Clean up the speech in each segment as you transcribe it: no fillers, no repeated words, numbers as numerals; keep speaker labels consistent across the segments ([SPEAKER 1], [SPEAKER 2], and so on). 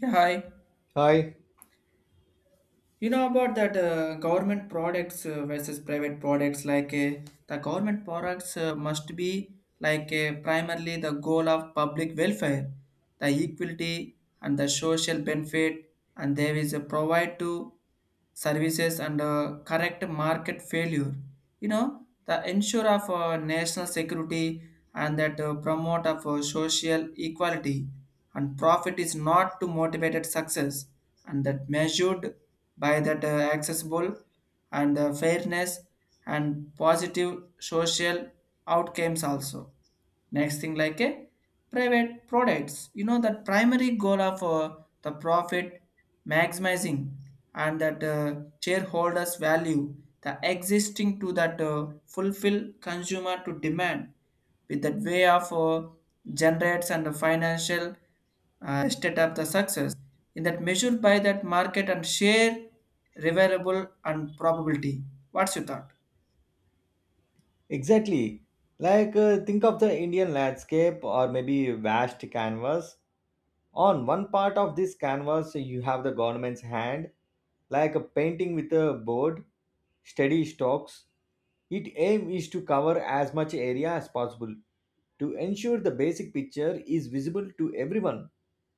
[SPEAKER 1] Yeah, hi.
[SPEAKER 2] Hi,
[SPEAKER 1] You know about that government products versus private products. Like the government products must be like primarily the goal of public welfare, the equality and the social benefit, and there is a provide to services and correct market failure. You know the ensure of national security and that promote of social equality and profit is not to motivated success and that measured by that accessible and fairness and positive social outcomes also. Next thing like a private products, you know that primary goal of the profit maximizing and that shareholders value, the existing to that fulfill consumer to demand with that way of generates and the financial state of the success in that measured by that market and share reverable and probability. What's your thought?
[SPEAKER 2] exactly. Like, think of the Indian landscape or maybe vast canvas. On one part of this canvas, you have the government's hand, like a painting with a board, steady strokes. Its aim is to cover as much area as possible to ensure the basic picture is visible to everyone,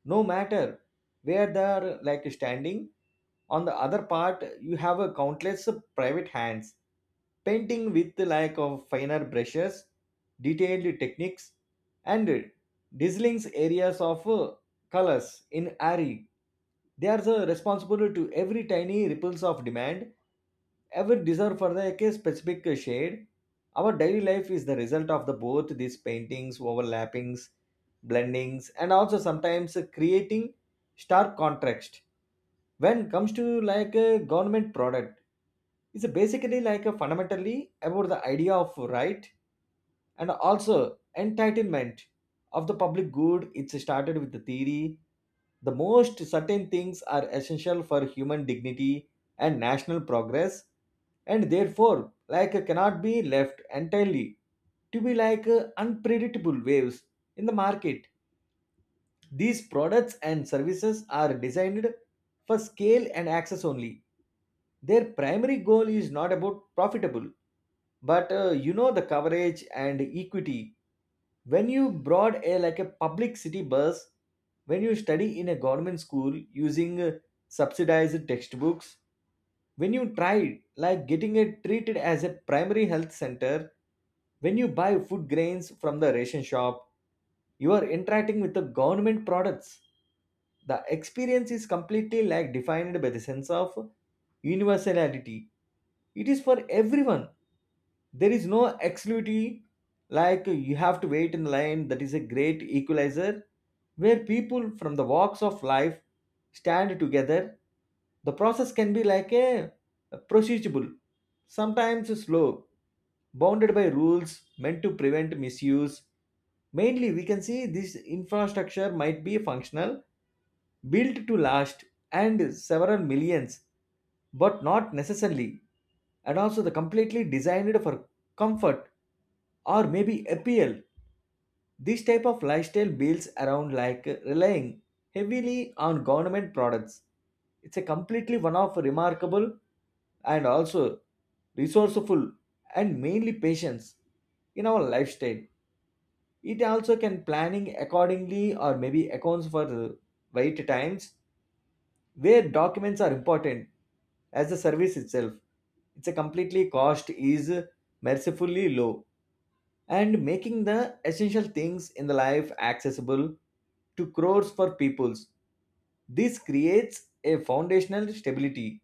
[SPEAKER 2] no matter where they are like standing. On the other part, you have a countless private hands painting with like of finer brushes, detailed techniques, and drizzling areas of colors in ARI. They are the responsible to every tiny ripples of demand, every desire for the like, a specific shade. Our daily life is the result of the both these paintings, overlappings, blendings, and also sometimes creating stark contrast. When comes to like a government product, it's basically like a fundamentally about the idea of right and also entitlement of the public good. It's started with the theory the most certain things are essential for human dignity and national progress, and therefore like cannot be left entirely to be like unpredictable waves in the market. These products and services are designed for scale and access only. Their primary goal is not about profitable, but you know the coverage and equity. When you broad a like a public city bus, when you study in a government school using subsidized textbooks, when you try like getting it treated as a primary health center, when you buy food grains from the ration shop, you are interacting with the government products. The experience is completely like defined by the sense of universality. It is for everyone. There is no exclusivity. Like, you have to wait in line. That is a great equalizer where people from the walks of life stand together. The process can be like a procedurable, sometimes slow, bounded by rules meant to prevent misuse. Mainly we can see this infrastructure might be functional, built to last and several millions, but not necessarily, and also the completely designed for comfort or maybe appeal. This type of lifestyle builds around like relying heavily on government products. It's a completely one of remarkable and also resourceful and mainly patience in our lifestyle. It also can planning accordingly or maybe accounts for the wait times where documents are important as the service itself. It's a completely cost is mercifully low and making the essential things in the life accessible to crores for peoples. This creates a foundational stability,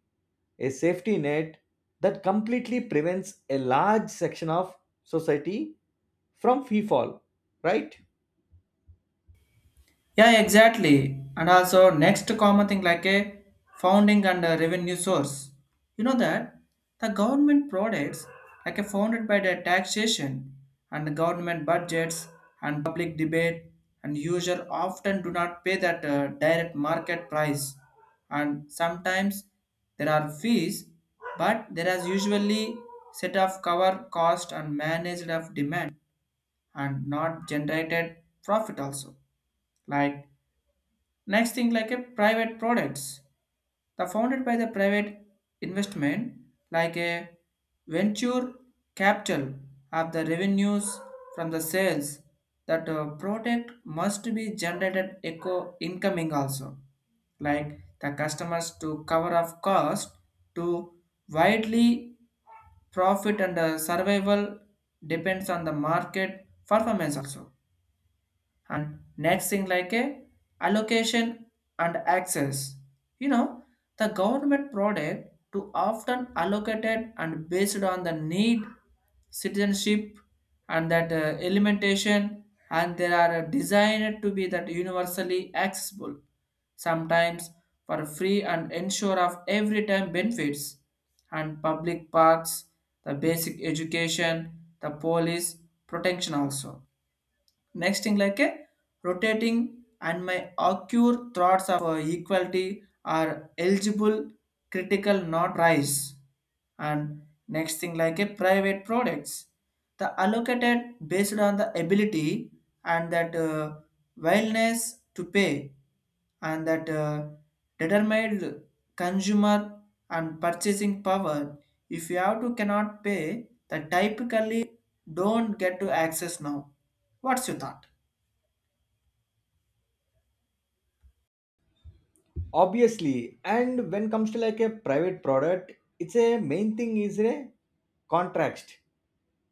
[SPEAKER 2] a safety net that completely prevents a large section of society from free fall, right?
[SPEAKER 1] Yeah, exactly. And also next common thing like a founding and a revenue source. You know that the government products like a founded by the taxation and the government budgets and public debate, and user often do not pay that direct market price, and sometimes there are fees, but there is usually set of cover cost and managed of demand and not generated profit also, like. Next thing like a private products, the founded by the private investment, like a venture capital of the revenues from the sales, that product must be generated eco incoming also, like the customers to cover off cost to widely profit and survival depends on the market performance also. And next thing like a allocation and access, you know, the government product to often allocated and based on the need, citizenship, and that elimination, and they are designed to be that universally accessible, sometimes for free, and ensure of every time benefits and public parks, the basic education, the police protection also. Next thing like a rotating and my occur thoughts of equality are eligible critical not rise. And next thing like a private products. The allocated based on the ability and that willingness to pay and that determined consumer and purchasing power. If you have to cannot pay, the typically don't get to access now. What's your thought?
[SPEAKER 2] Obviously, and when comes to like a private product, it's a main thing is a contract.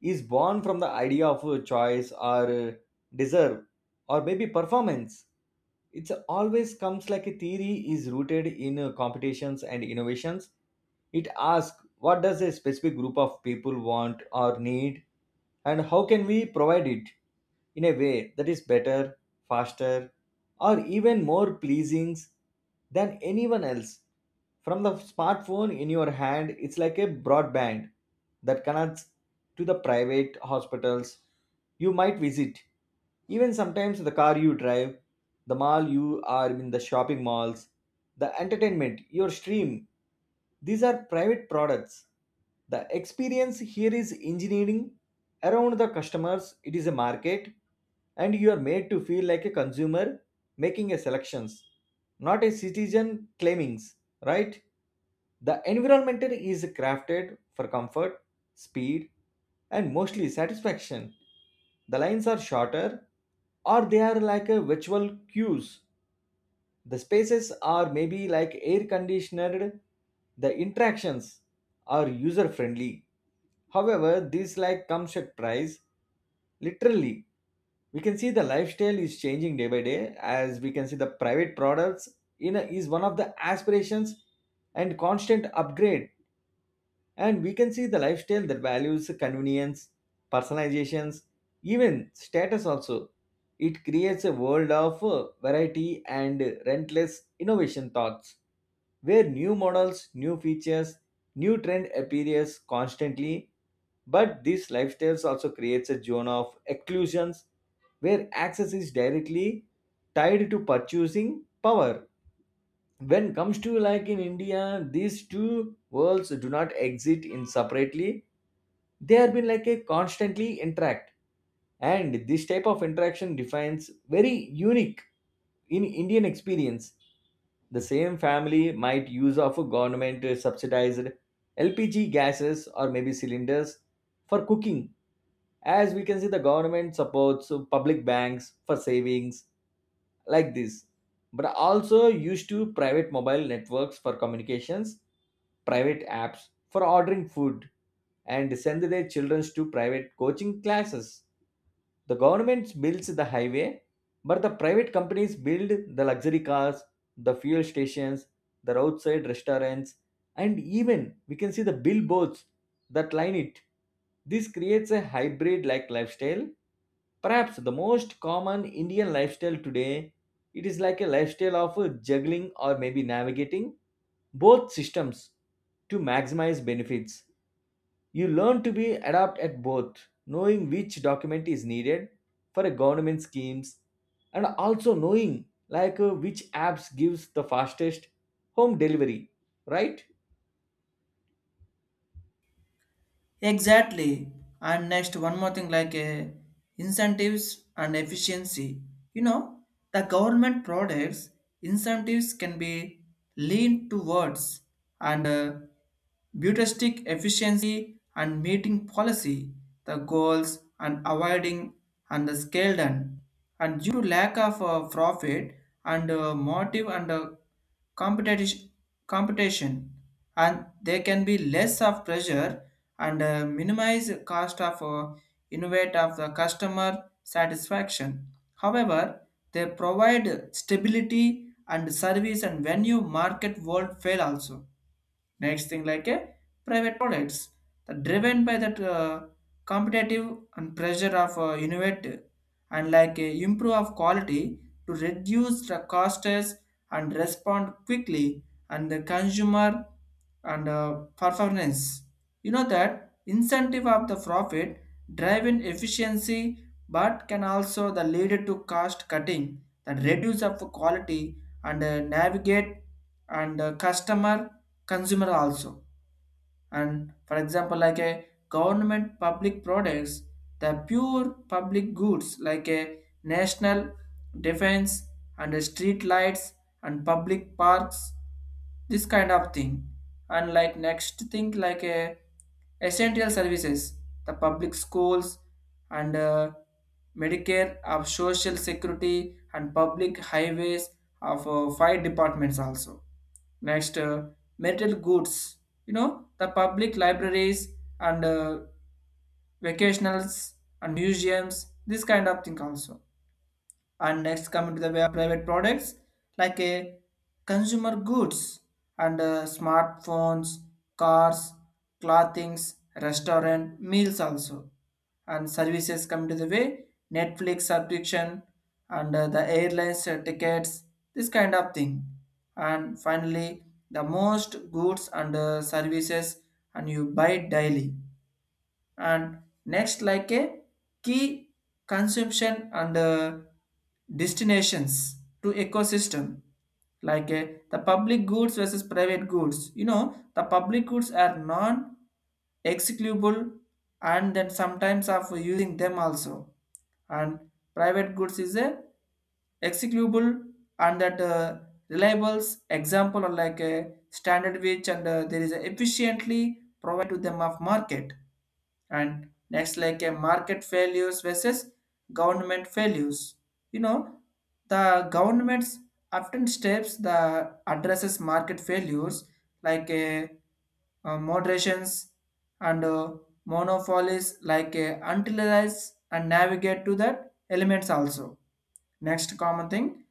[SPEAKER 2] Is born from the idea of a choice or deserve or maybe performance. It's always comes like a theory is rooted in competitions and innovations. It asks what does a specific group of people want or need, and how can we provide it in a way that is better, faster, or even more pleasing than anyone else. From the smartphone in your hand it's like a broadband that connects to the private hospitals you might visit, even sometimes the car you drive, the mall you are in, the shopping malls, the entertainment, your stream. These are private products. The experience here is engineering around the customers, it is a market, and you are made to feel like a consumer making a selections, not a citizen claimings, right? The environment is crafted for comfort, speed, and mostly satisfaction. The lines are shorter, or they are like a virtual cues. The spaces are maybe like air conditioned. The interactions are user friendly. However, this like comes at price. Literally, we can see the lifestyle is changing day by day. As we can see, the private products is one of the aspirations and constant upgrade, and we can see the lifestyle that values convenience, personalizations, even status also. It creates a world of variety and relentless innovation thoughts where new models, new features, new trend appears constantly, but these lifestyles also creates a zone of exclusions where access is directly tied to purchasing power. When comes to like in India, these two worlds do not exist in separately. They have been like a constantly interact, and this type of interaction defines very unique in Indian experience. The same family might use of a government subsidized LPG gases or maybe cylinders for cooking, as we can see the government supports public banks for savings like this, but also used to private mobile networks for communications, private apps for ordering food, and send their children to private coaching classes. The government builds the highway, but the private companies build the luxury cars, the fuel stations, the roadside restaurants, and even we can see the billboards that line it. This creates a hybrid like lifestyle. Perhaps the most common Indian lifestyle today, it is like a lifestyle of juggling or maybe navigating both systems to maximize benefits. You learn to be adept at both, knowing which document is needed for a government schemes, and also knowing like which apps gives the fastest home delivery, right?
[SPEAKER 1] Exactly. And next, one more thing like incentives and efficiency. You know, the government products incentives can be leaned towards and bureaucratic efficiency and meeting policy, the goals, and avoiding and the scale done. And due to lack of profit and motive and competition, competition and there can be less of pressure and minimize cost of innovate of the customer satisfaction. However, they provide stability and service, and when you market world fail also. Next thing like a private products that driven by that competitive and pressure of innovate and like improve of quality to reduce the costs and respond quickly and the consumer and performance. You know that incentive of the profit driving efficiency, but can also the lead to cost cutting that reduce of quality and navigate and customer consumer also. And for example like a government public products, the pure public goods like a national defense and street lights and public parks, this kind of thing. And like next thing like a essential services, the public schools and medicare of social security and public highways of five departments also. Next, metal goods. You know, the public libraries and vacationals and museums, this kind of thing also. And next coming to the way of private products like a consumer goods and smartphones, cars, clothings, restaurant meals also. And services come to the way, Netflix subscription and the airlines tickets, this kind of thing. And finally, the most goods and services and you buy daily. And next like a key consumption and destinations to ecosystem, like the public goods versus private goods. You know the public goods are non executable and then sometimes of using them also. And private goods is a executable and that reliables example are like a standard which and there is a efficiently provide to them of market. And next like a market failures versus government failures. You know the governments often steps the addresses market failures, like a, moderations and monopolies, like a utilized and navigate to that elements also. Next common thing,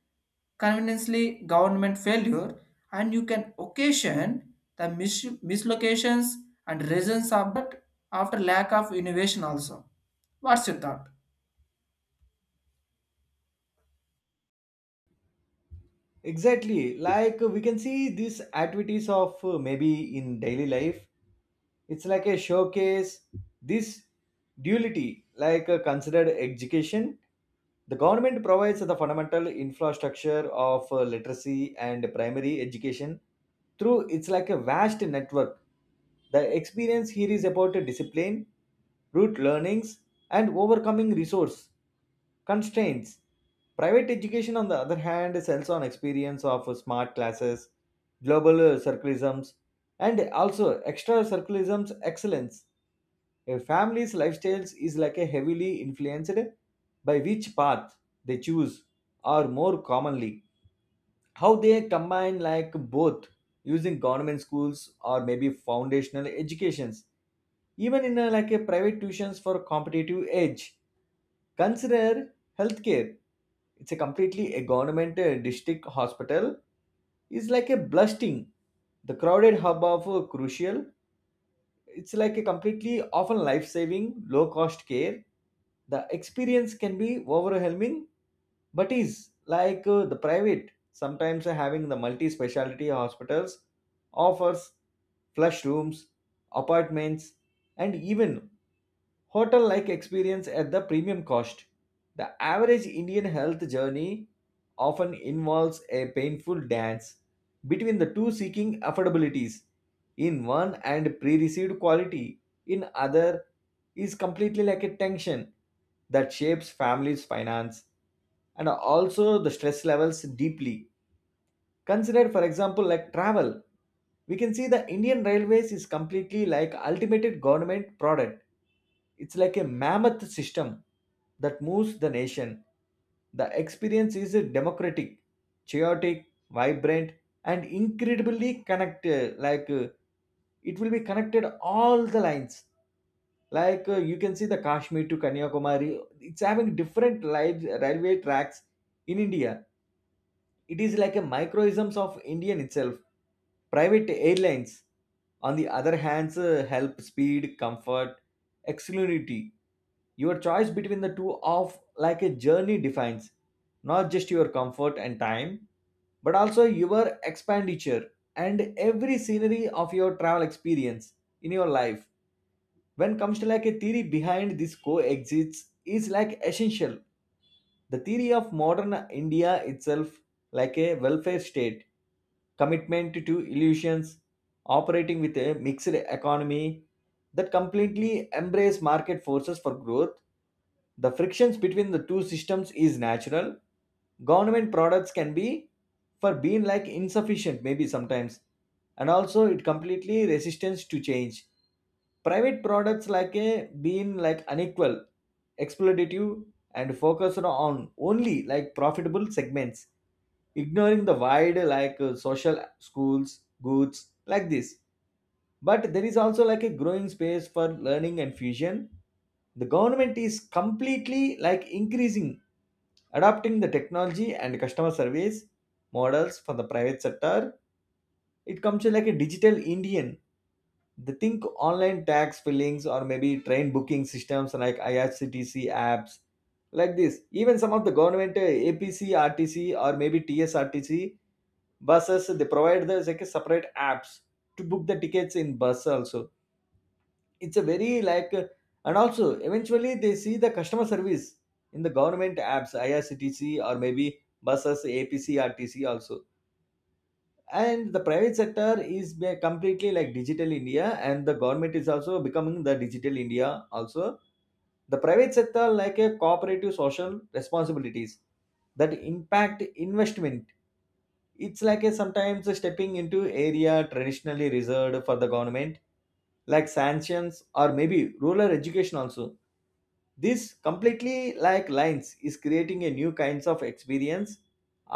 [SPEAKER 1] conveniently government failure, and you can occasion the mislocations and reasons of that after lack of innovation also. What's your thought?
[SPEAKER 2] Exactly. Like we can see these activities of maybe in daily life. It's like a showcase. This duality, like considered education. The government provides the fundamental infrastructure of literacy and primary education through it's like a vast network. The experience here is about discipline, root learnings, and overcoming resource constraints. Private education, on the other hand, sells on experience of smart classes, global circulisms, and also extra circulisms excellence. A family's lifestyle is like a heavily influenced by which path they choose, or more commonly how they combine like both, using government schools or maybe foundational educations, even in a, like a private tuitions for competitive edge. Consider healthcare. It's a completely a government district hospital is like a blasting the crowded hub of crucial. It's like a completely often life saving, low cost care. The experience can be overwhelming, but is like the private. Sometimes having the multi specialty hospitals offers flush rooms, apartments, and even hotel like experience at the premium cost. The average Indian health journey often involves a painful dance between the two, seeking affordabilities in one and pre-received quality in other. Is completely like a tension that shapes families finance and also the stress levels deeply. Consider, for example, like travel. We can see the Indian Railways is completely like ultimate government product. It's like a mammoth system that moves the nation. The experience is democratic, chaotic, vibrant, and incredibly connected. Like it will be connected all the lines. Like you can see the Kashmir to Kanyakumari. It's having different live railway tracks in India. It is like a microisms of Indian itself. Private airlines, on the other hand, help speed, comfort, exclusivity. Your choice between the two of like a journey defines not just your comfort and time, but also your expenditure and every scenery of your travel experience in your life. When comes to like a theory behind this coexists is like essential, the theory of modern India itself, like a welfare state, commitment to illusions, operating with a mixed economy that completely embrace market forces for growth. The frictions between the two systems is natural. Government products can be for being like insufficient maybe sometimes, and also it completely resistance to change. Private products like a being like unequal, exploitative, and focused on only like profitable segments, ignoring the wide like social schools, goods like this. But there is also like a growing space for learning and fusion. The government is completely like increasing adopting the technology and customer service models for the private sector. It comes to like a digital Indian, they think online tax fillings or maybe train booking systems like IRCTC apps like this. Even some of the government APC, or maybe TSRTC buses, they provide the like a separate apps to book the tickets in bus also. It's a very like And also eventually they see the customer service in the government apps, IRCTC or maybe buses, APCRTC also. And the private sector is completely like digital india, and the government is also becoming the digital india also. The private sector, like a cooperative social responsibilities, that impact investment, it's like a sometimes stepping into area traditionally reserved for the government, like sanctions or maybe rural education also. This completely like lines is creating a new kinds of experience.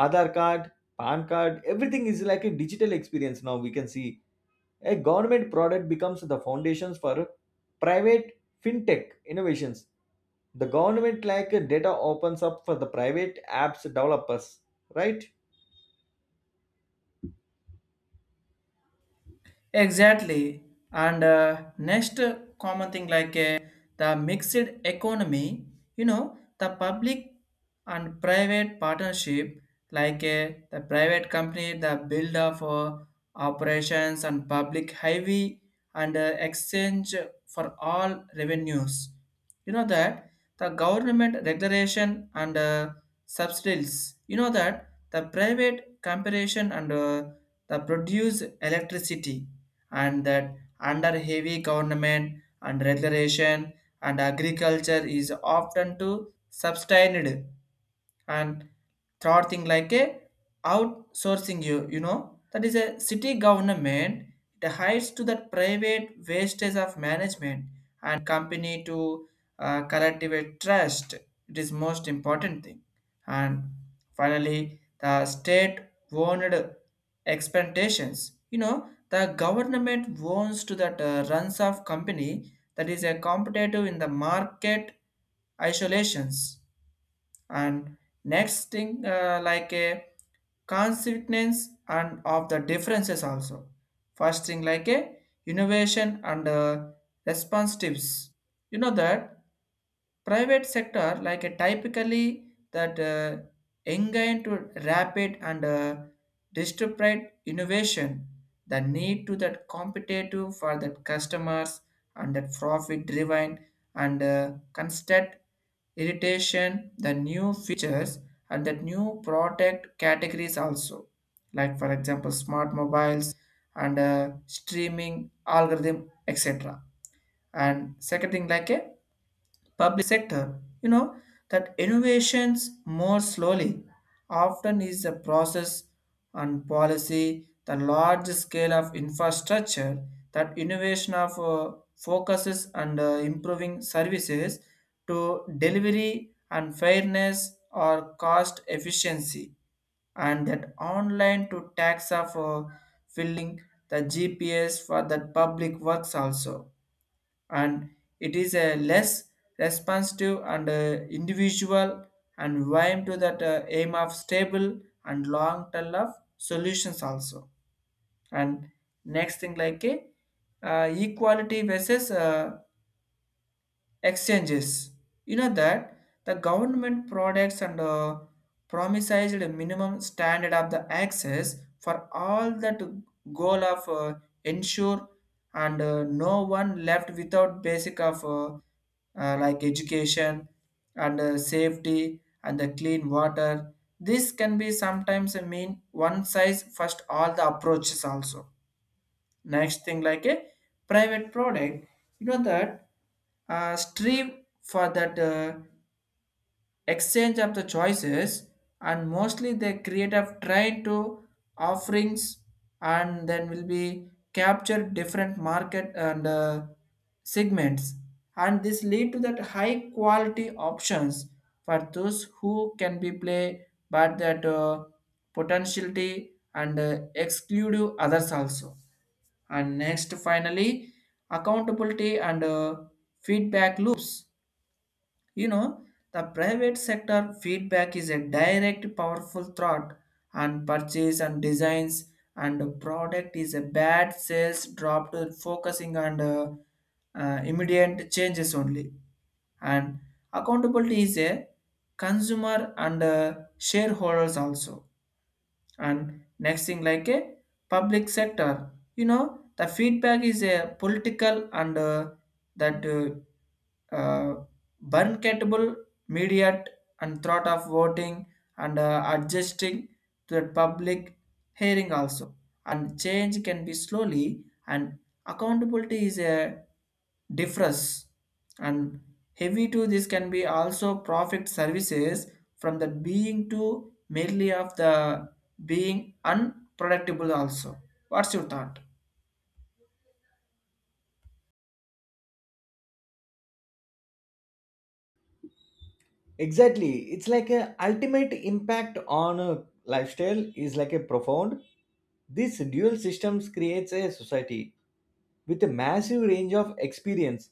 [SPEAKER 2] Aadhar card, pan card, everything is like a digital experience now. We can see a government product becomes the foundations for private fintech innovations. The government like data opens up for the private apps developers, right?
[SPEAKER 1] Exactly. And next common thing like the mixed economy. You know, the public and private partnership, like the private company, the build of operations and public highway and exchange for all revenues. You know that the government regulation and subsidies. You know that the private comparison and the produce electricity and that under heavy government and regulation and agriculture is often to sustained. And third thing like a outsourcing, you know that is a city government, it hides to that private wastage of management and company to collective trust, it is most important thing. And finally the state owned expectations, you know the government owns to that runs of company that is a competitive in the market isolations. And next thing like a consequence and of the differences also. First thing like a innovation and response. You know that private sector like a typically that engage to rapid and disruptive innovation, the need to that competitive for that customers and that profit driven and constant irritation the new features and that new product categories also, like for example smart mobiles and streaming algorithm, etc. And second thing like a public sector, you know, that innovations more slowly, often is a process and policy, the large scale of infrastructure, that innovation of focuses and improving services to delivery and fairness or cost efficiency and that online to tax of filling the GPS for that public works also. And it is a less responsive and individual and aim to that aim of stable and long term of solutions also. And next thing like a equality versus exchanges. You know that the government products and promises a minimum standard of the access for all, that goal of ensure and no one left without basic of like education and safety and the clean water. This can be sometimes a mean one size first all the approaches also. Next thing like a private product. You know that strive for that exchange of the choices and mostly the creative try to offerings and then will be capture different market and segments, and this lead to that high quality options for those who can be play but that potentiality and exclude others also. And next, finally, accountability and feedback loops. You know, the private sector feedback is a direct powerful thought and purchase and designs and product is a bad sales dropped, focusing on immediate changes only. And accountability is a consumer and shareholders also. And next thing like a public sector, you know the feedback is a political and that burn media and thought of voting and adjusting to the public hearing also. And change can be slowly, and accountability is a difference. And heavy to this can be also profit services from the being to merely of the being unproductible also. What's your thought?
[SPEAKER 2] Exactly, it's like a ultimate impact on a lifestyle is like a profound. This dual systems creates a society with a massive range of experience.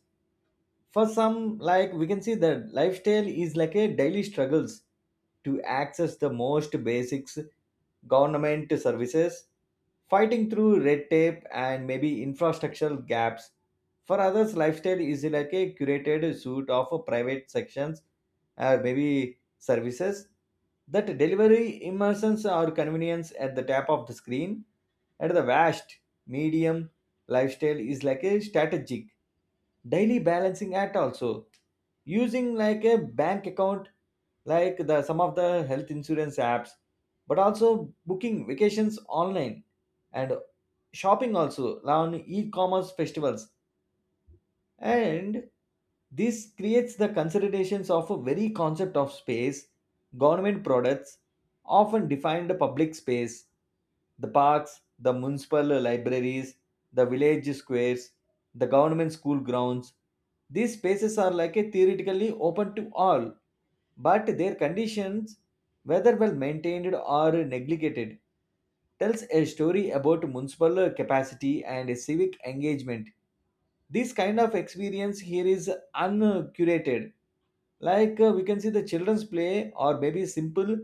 [SPEAKER 2] For some, like we can see that lifestyle is like a daily struggles to access the most basics government services, fighting through red tape and maybe infrastructural gaps. For others, lifestyle is like a curated suite of private sections or maybe services that delivery immersions or convenience at the tap of the screen. At the vast medium, lifestyle is like a strategic daily balancing act also, using like a bank account, like the some of the health insurance apps, but also booking vacations online, and shopping also on e-commerce festivals. And this creates the considerations of a very concept of space. Government products often define the public space, the parks, the municipal libraries, the village squares, the government school grounds. These spaces are like a theoretically open to all, but their conditions, whether well maintained or neglected, tells a story about municipal capacity and civic engagement. This kind of experience here is uncurated. We can see the children's play or maybe simple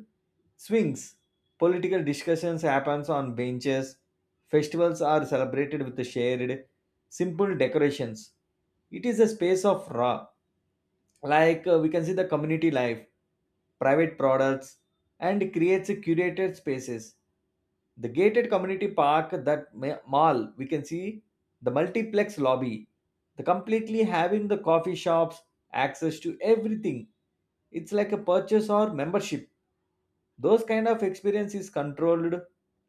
[SPEAKER 2] swings. Political discussions happens on benches. Festivals are celebrated with the shared, simple decorations. It is a space of raw, we can see the community life. Private products and creates a curated spaces, the gated community park, that mall we can see, the multiplex lobby, the completely having the coffee shops, access to everything, it's like a purchase or membership. Those kind of experience is controlled,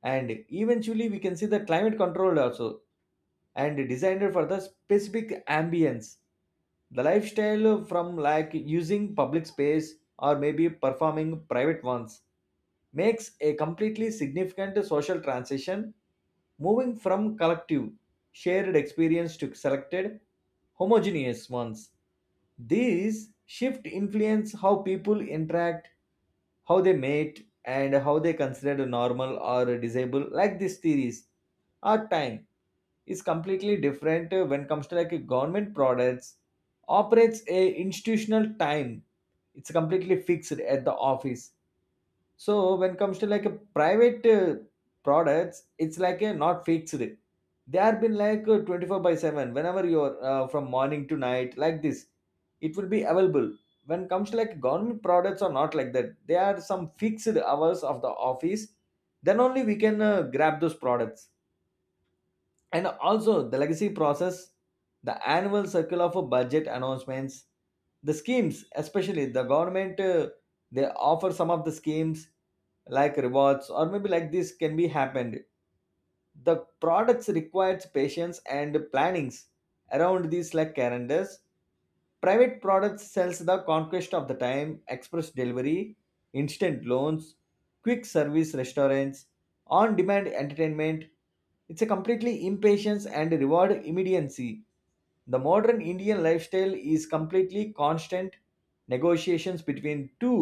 [SPEAKER 2] and eventually we can see the climate controlled also, and designed for the specific ambience. The lifestyle from like using public space or maybe performing private ones makes a completely significant social transition, moving from collective, shared experience to selected, homogeneous ones. These shift influence how people interact, how they mate, and how they consider normal or disabled, like these theories. Our time is completely different when comes to like a government products, operates a institutional time, it's completely fixed at the office. So when it comes to like a private products, it's like a not fixed, they have been like 24 by 7, whenever you're from morning to night like this, it will be available. When it comes to like government products are not like that. There are some fixed hours of the office, then only we can grab those products. And also the legacy process, the annual circular for budget announcements, the schemes, especially the government they offer some of the schemes like rewards or maybe like this can be happened. The products requires patience and plannings around these like calendars. Private products sells the conquest of the time: express delivery, instant loans, quick service restaurants, on demand entertainment. It's a completely impatience and reward immediacy. The modern indian lifestyle is completely constant negotiations between two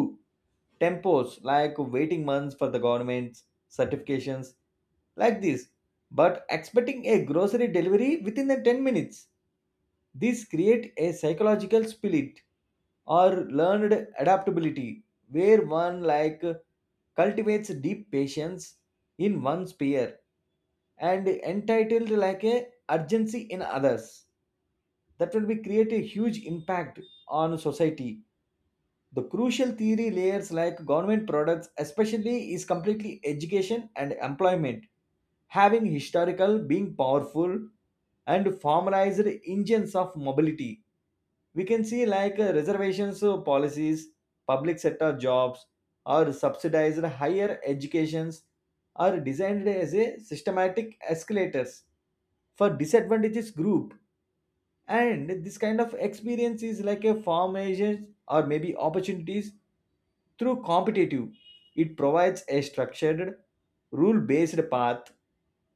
[SPEAKER 2] tempos, like waiting months for the government's certifications like this, but expecting a grocery delivery within the 10 minutes. These create a psychological split or learned adaptability, where one like cultivates deep patience in one sphere, and entitled like a urgency in others. That will be create a huge impact on society. The crucial theory layers like government products, especially, is completely education and employment, having historical, being powerful, and formalized engines of mobility. We can see like reservations policies, public sector jobs, or subsidized higher educations are designed as a systematic escalators for disadvantages group. And this kind of experience is like a farm or maybe opportunities through competitive, it provides a structured, rule based path.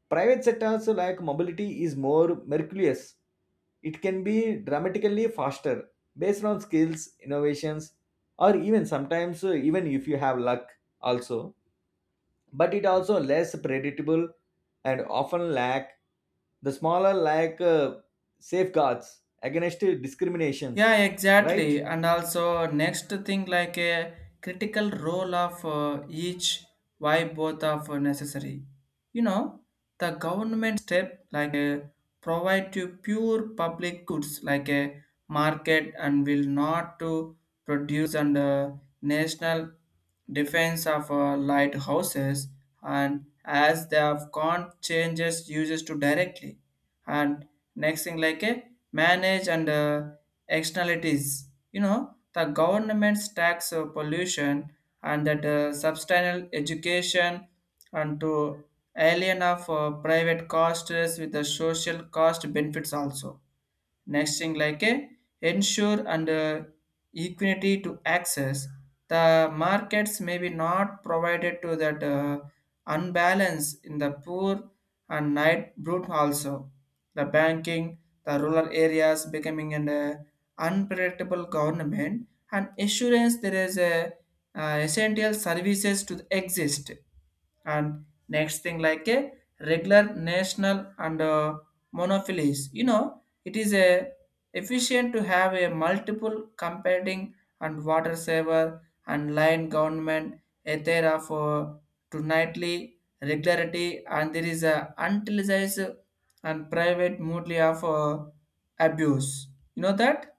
[SPEAKER 2] Private sectors like mobility is more mercurious. It can be dramatically faster based on skills, innovations, or even sometimes, even if you have luck, also. But it also less predictable and often lack the smaller safeguards against discriminations,
[SPEAKER 1] Yeah,
[SPEAKER 2] right?
[SPEAKER 1] exactly. And also, next thing like a critical role of each, why both of are necessary. You know, the government step like a provide to pure public goods like a market and will not to produce and national defense of lighthouses and as they have gone changes uses to directly. And next thing like a manage and externalities. You know the government's tax pollution and that substantial education and to alien of private costs with the social cost benefits also. Next thing like a ensure and equity to access. The markets may be not provided to that unbalance in the poor and night brute also, the banking, the rural areas becoming an unpredictable government and assurance there is a essential services to exist. And next thing like a regular national and monopolies. You know it is a efficient to have a multiple competing and water saver and line government a there of to nightly regularity and there is a utilized and private mode of abuse. You know that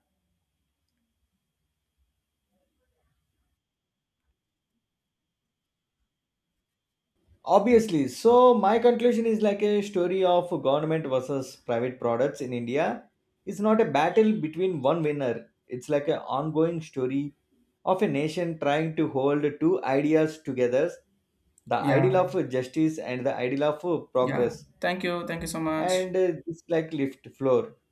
[SPEAKER 2] Obviously, so my conclusion is like a story of government versus private products in India. It's not a battle between one winner. It's like an ongoing story of a nation trying to hold two ideas together, the ideal
[SPEAKER 1] yeah,
[SPEAKER 2] of justice and the ideal of
[SPEAKER 1] yeah,
[SPEAKER 2] progress.
[SPEAKER 1] thank you, thank you so much.
[SPEAKER 2] And it's like lift floor.